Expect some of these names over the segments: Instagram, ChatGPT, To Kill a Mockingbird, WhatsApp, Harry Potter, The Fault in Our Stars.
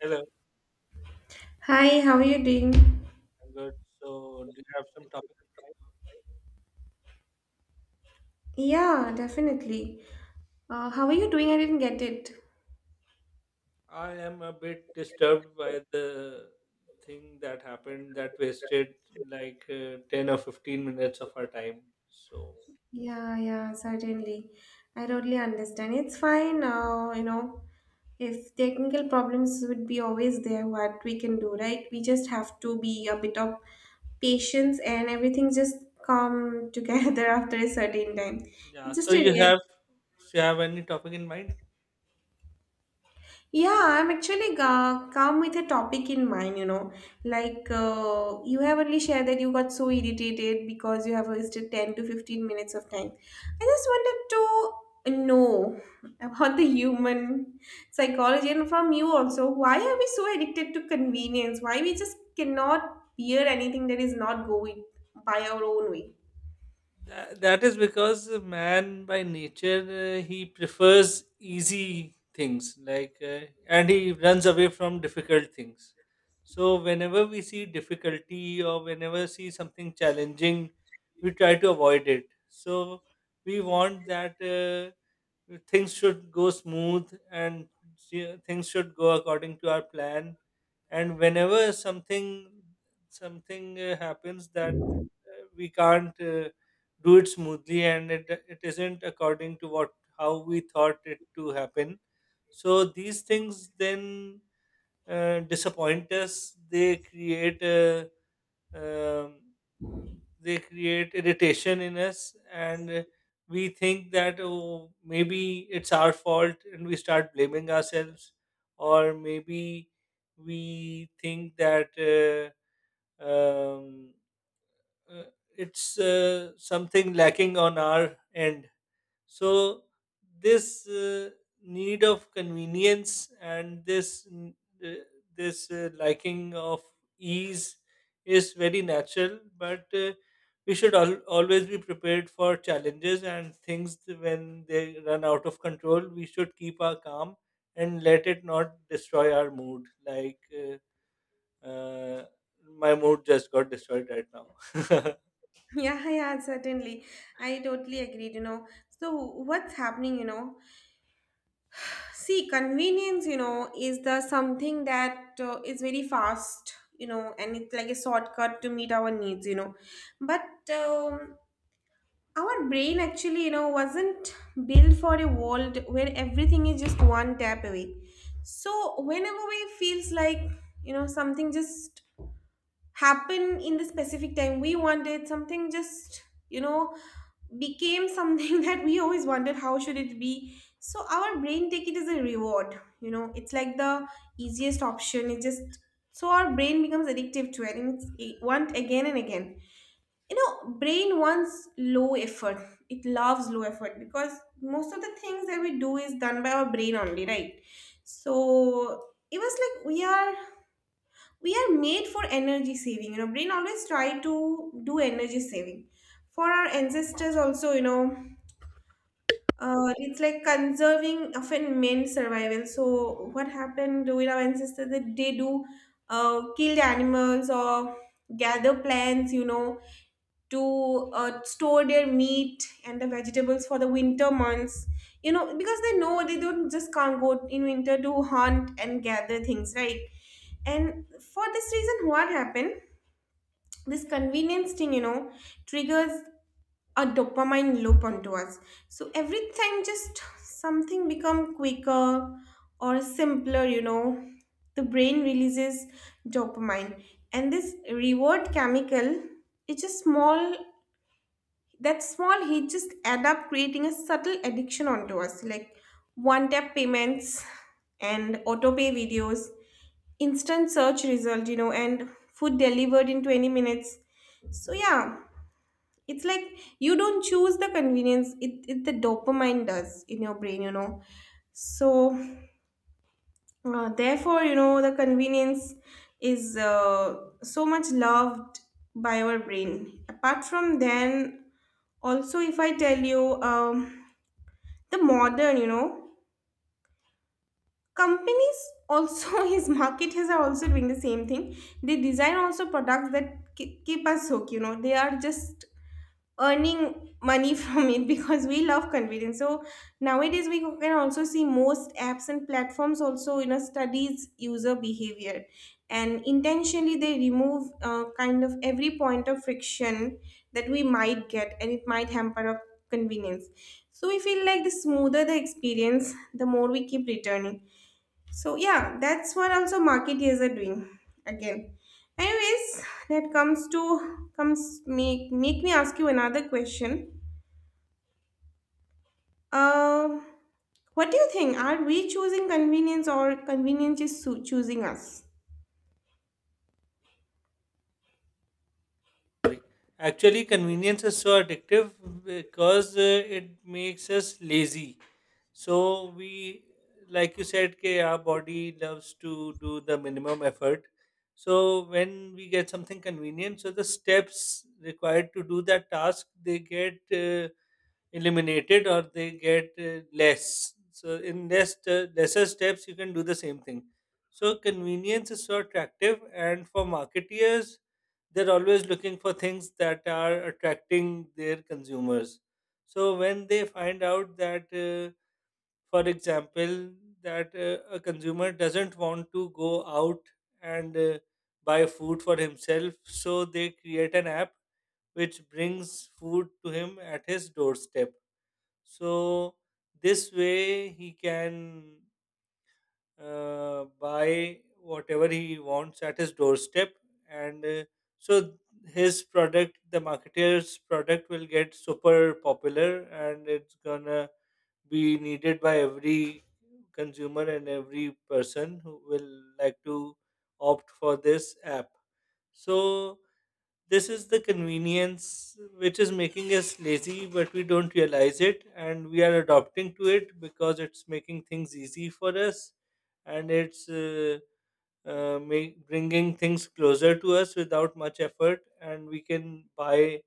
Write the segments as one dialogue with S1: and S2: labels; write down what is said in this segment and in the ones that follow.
S1: Hello,
S2: Hi, how are you doing?
S1: I'm good. So, do you have some topic?
S2: Yeah, definitely. How are you doing? I didn't get it.
S1: I am a bit disturbed by the thing that happened that wasted 10 or 15 minutes of our time. So,
S2: Yeah, yeah, certainly. I totally understand. It's fine now, you know. If technical problems would be always there, what we can do, right? We just have to be a bit of patience and everything just come together after a certain time.
S1: yeah.
S2: It's just a real.
S1: So you have any topic in mind?
S2: Yeah, I'm actually come with a topic in mind, you know. Like, you have only shared that you got so irritated because you have wasted 10 to 15 minutes of time. I just wanted to know about the human psychology and from you also. Why are we so addicted to convenience? Why we just cannot bear anything that is not going by our own way?
S1: That is because man by nature he prefers easy things and he runs away from difficult things. So whenever we see difficulty or whenever see something challenging, we try to avoid it. So we want that things should go smooth and things should go according to our plan, and whenever something happens that we can't do it smoothly, and it isn't according to what, how we thought it to happen. So these things then, disappoint us. They create a, um, they create irritation in us, and we think that, oh, maybe it's our fault and we start blaming ourselves, or maybe we think that um, uh, it's something lacking on our end. So this need of convenience and uh, this liking of ease is very natural, but we should always be prepared for challenges and things when they run out of control. We should keep our calm and let it not destroy our mood. Uh, my mood just got destroyed right now.
S2: Yeah, yeah, certainly. I totally agreed, you know. So, what's happening, you know? See, convenience, you know, is the something that is very fast, you know, and it's like a shortcut to meet our needs, you know. But um, our brain actually, you know, wasn't built for a world where everything is just one tap away. So whenever we feels like, you know, something just happen in the specific time, we wanted something just, you know, became something that we always wondered how should it be. So our brain take it as a reward, you know. It's like the easiest option it just. So our brain becomes addictive to it, and it want again and again. You know, brain wants low effort. It loves low effort because most of the things that we do is done by our brain only, right? So it was like we are made for energy saving, you know. Brain always try to do energy saving for our ancestors also, you know. It's like conserving often meant survival. So what happened with our ancestors that they do kill the animals or gather plants, you know, to store their meat and the vegetables for the winter months, you know, because they know they don't just can't go in winter to hunt and gather things, right? And for this reason, what happened, this convenience thing, you know, triggers a dopamine loop onto us. So every time just something become quicker or simpler, you know, the brain releases dopamine. And this reward chemical, it's a small, that small hit just add up, creating a subtle addiction onto us, like one tap payments and auto pay videos, instant search result, you know, and food delivered in 20 minutes. So yeah, it's like you don't choose the convenience, it the dopamine does in your brain, you know. So therefore, you know, the convenience is so much loved by our brain. Apart from then, also, if I tell you, the modern, you know, companies also his marketers are also doing the same thing. They design also products that keep us hooked, you know. They are just earning money from it because we love convenience. So nowadays we can also see most apps and platforms also, you know, studies user behavior, and intentionally they remove kind of every point of friction that we might get, and it might hamper our convenience. So we feel like the smoother the experience, the more we keep returning. So yeah, that's what also marketeers are doing again. Anyways, that comes make me ask you another question. Uh, what do you think? Are we choosing convenience or convenience is choosing us?
S1: Actually, convenience is so addictive because it makes us lazy. So we, like you said, कि our body loves to do the minimum effort. So when we get something convenient, so the steps required to do that task, they get eliminated or they get less. So in lesser steps, you can do the same thing. So convenience is so attractive, and for marketeers, they're always looking for things that are attracting their consumers. So when they find out that, for example, that a consumer doesn't want to go out and buy food for himself, so they create an app which brings food to him at his doorstep. So this way he can buy whatever he wants at his doorstep, and so his product, the marketer's product, will get super popular, and it's gonna be needed by every consumer and every person who will like to opt for this app. So this is the convenience which is making us lazy, but we don't realize it, and we are adopting to it because it's making things easy for us, and bringing things closer to us without much effort, and we can buy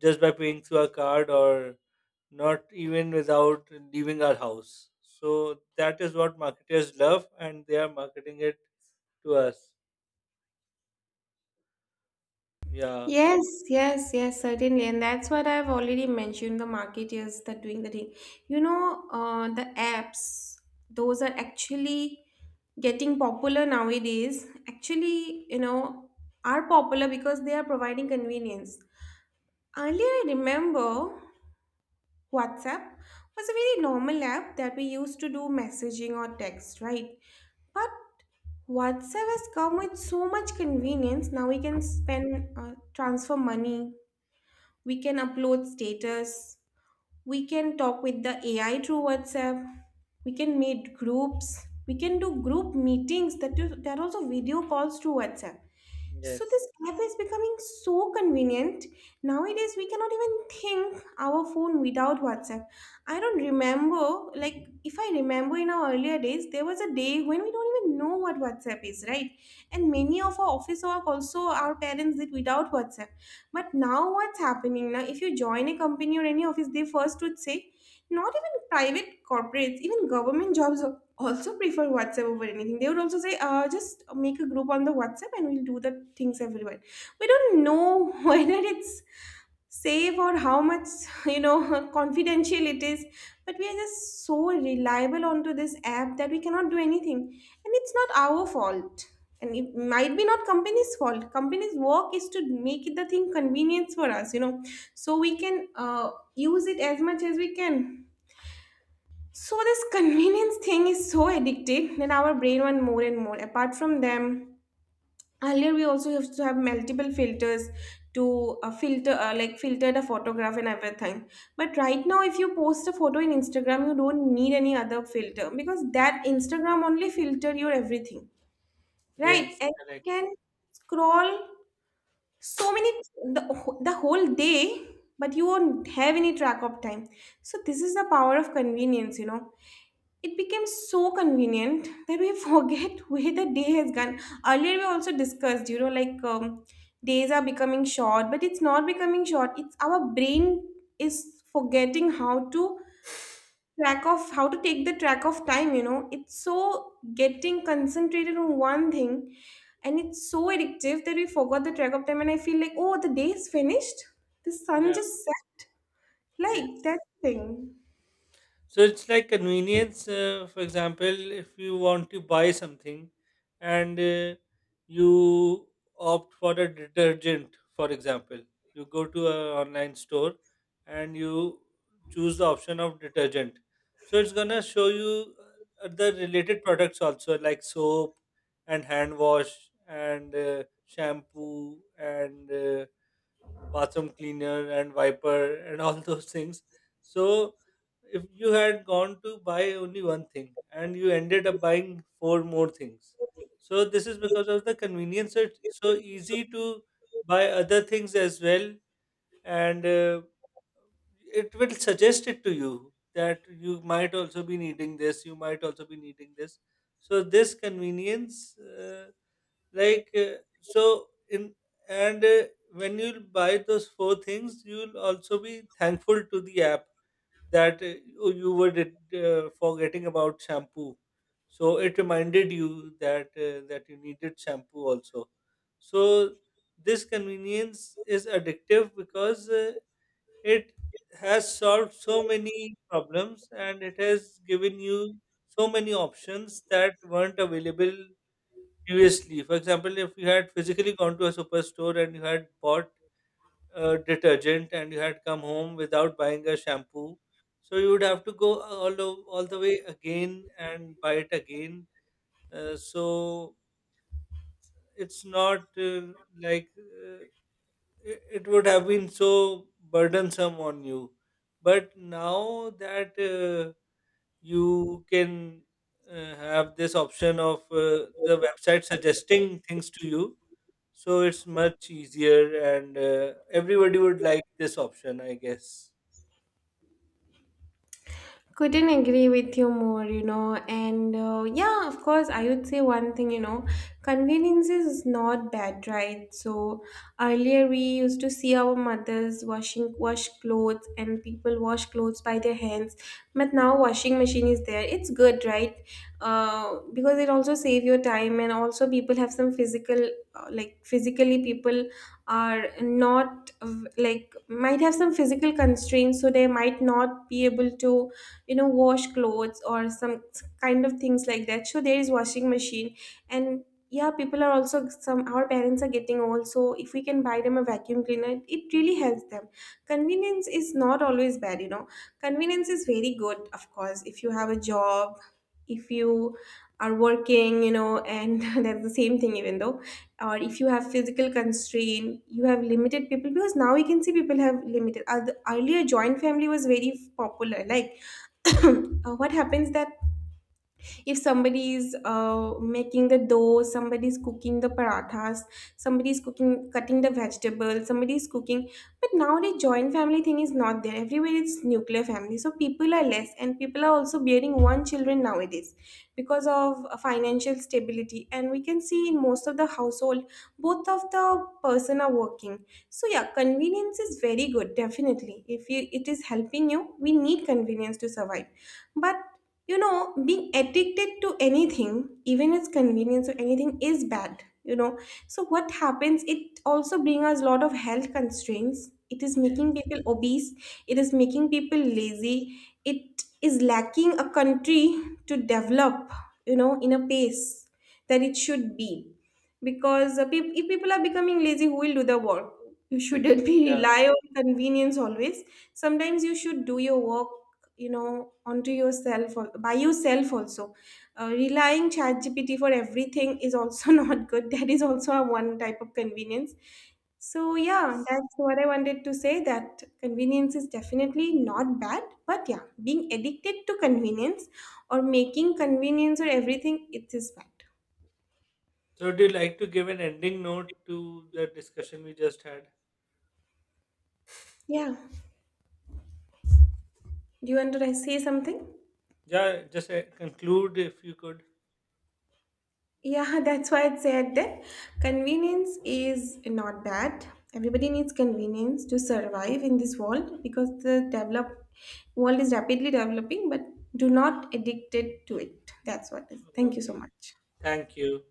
S1: just by paying through a card or not even without leaving our house. So that is what marketers love, and they are marketing it to us. Yeah.
S2: Yes, yes, certainly. And that's what I've already mentioned, the marketeers that doing the thing. You know, the apps, those are actually getting popular nowadays, actually, you know, are popular because they are providing convenience. Earlier I remember WhatsApp was a very normal app that we used to do messaging or text, right? But WhatsApp has come with so much convenience. Now we can spend, transfer money, we can upload status, we can talk with the AI through WhatsApp, we can meet groups, we can do group meetings, that is, there are also video calls through WhatsApp. So this
S1: Yes.
S2: app is becoming so convenient. Nowadays, we cannot even think our phone without WhatsApp. I don't remember, like, if I remember in our earlier days, there was a day when we don't even know what WhatsApp is, right? And many of our office work also our parents did without WhatsApp. But now, what's happening now? If you join a company or any office, they first would say, not even private corporates, even government jobs also prefer WhatsApp over anything. They would also say, just make a group on the WhatsApp and we'll do the things everywhere. We don't know whether it's safe or how much, you know, confidential it is, but we are just so reliable onto this app that we cannot do anything. And it's not our fault. And it might be not company's fault. Company's work is to make it the thing convenience for us, you know, so we can use it as much as we can. So this convenience thing is so addictive that our brain want more and more. Apart from them, earlier we also used to have multiple filters to filter, like filter the photograph and everything. But right now, if you post a photo in Instagram, you don't need any other filter because that Instagram only filter your everything, right?
S1: Yes.
S2: And you
S1: Correct.
S2: can scroll so many the, the whole day, but you won't have any track of time. So this is the power of convenience, you know. It became so convenient that we forget where the day has gone. Earlier we also discussed, you know, like, days are becoming short, but it's not becoming short, it's our brain is forgetting how to track of, how to take the track of time, you know. It's so getting concentrated on one thing, and it's so addictive that we forgot the track of time, and I feel like, oh, the day is finished, the sun
S1: Yeah.
S2: just set, like that
S1: Yes.
S2: thing.
S1: So it's like convenience. For example, if you want to buy something and you opt for a detergent, for example, you go to an online store and you choose the option of detergent. So it's gonna show you the related products also, like soap and hand wash and shampoo and bathroom cleaner and wiper and all those things. So if you had gone to buy only one thing and you ended up buying four more things. So this is because of the convenience. So it's so easy to buy other things as well, and it will suggest it to you that you might also be needing this. You might also be needing this. So this convenience. Like so in and When you'll buy those four things, you'll also be thankful to the app that you you were did, forgetting about shampoo. So it reminded you that that you needed shampoo also. So this convenience is addictive because it has solved so many problems, and it has given you so many options that weren't available previously. For example, if you had physically gone to a superstore and you had bought a detergent and you had come home without buying a shampoo, so you would have to go all the way again and buy it again. So it's not like uh, it would have been so burdensome on you. But now that you can have this option of the website suggesting things to you. So it's much easier, and everybody would like this option, I guess.
S2: Couldn't agree with you more, you know. And yeah, of course, I would say one thing, you know, convenience is not bad, right? So earlier we used to see our mothers washing, wash clothes, and people wash clothes by their hands. But now washing machine is there, it's good, right? Because it also save your time, and also people have some physical, like physically people are not like, might have some physical constraints, so they might not be able to, you know, wash clothes or some kind of things like that, so there is washing machine. And yeah, people are also some, our parents are getting old, so if we can buy them a vacuum cleaner, it really helps them. Convenience is not always bad, you know. Convenience is very good, of course, if you have a job, if you are working, you know, and that's the same thing, even though, or if you have physical constraint, you have limited people, because now we can see people have limited. The earlier joint family was very popular, like, uh, what happens that if somebody is making the dough, somebody is cooking the parathas, somebody is cooking, cutting the vegetables, somebody is cooking, but nowadays joint family thing is not there everywhere, it's nuclear family, so people are less, and people are also bearing one children nowadays because of financial stability, and we can see in most of the household both of the person are working. So yeah, convenience is very good definitely if you, it is helping you, we need convenience to survive. But you know, being addicted to anything, even its convenience or anything, is bad. You know, so what happens? It also brings us a lot of health constraints. It is making
S1: Yes.
S2: people obese. It is making people
S1: Yes.
S2: lazy. It is lacking a country to develop. You know, in a pace that it should be, because if people are becoming lazy, who will do the work? You shouldn't be
S1: Yeah.
S2: rely on convenience always. Sometimes you should do your work, you know, onto yourself or by yourself also. Relying ChatGPT for everything is also not good, that is also a one type of convenience. So yeah,
S1: Yes.
S2: that's what I wanted to say, that convenience is definitely not bad, but yeah, being addicted to convenience or making convenience or everything, it is bad.
S1: So, do you like to give an ending note to the discussion we just had?
S2: Yeah, do you want to say something?
S1: Yeah. Just conclude if you could.
S2: Yeah, that's why I said that convenience is not bad. Everybody needs convenience to survive in this world because the develop world is rapidly developing, but do not addicted to it. That's what it is. Thank you so
S1: Okay,
S2: much.
S1: thank you.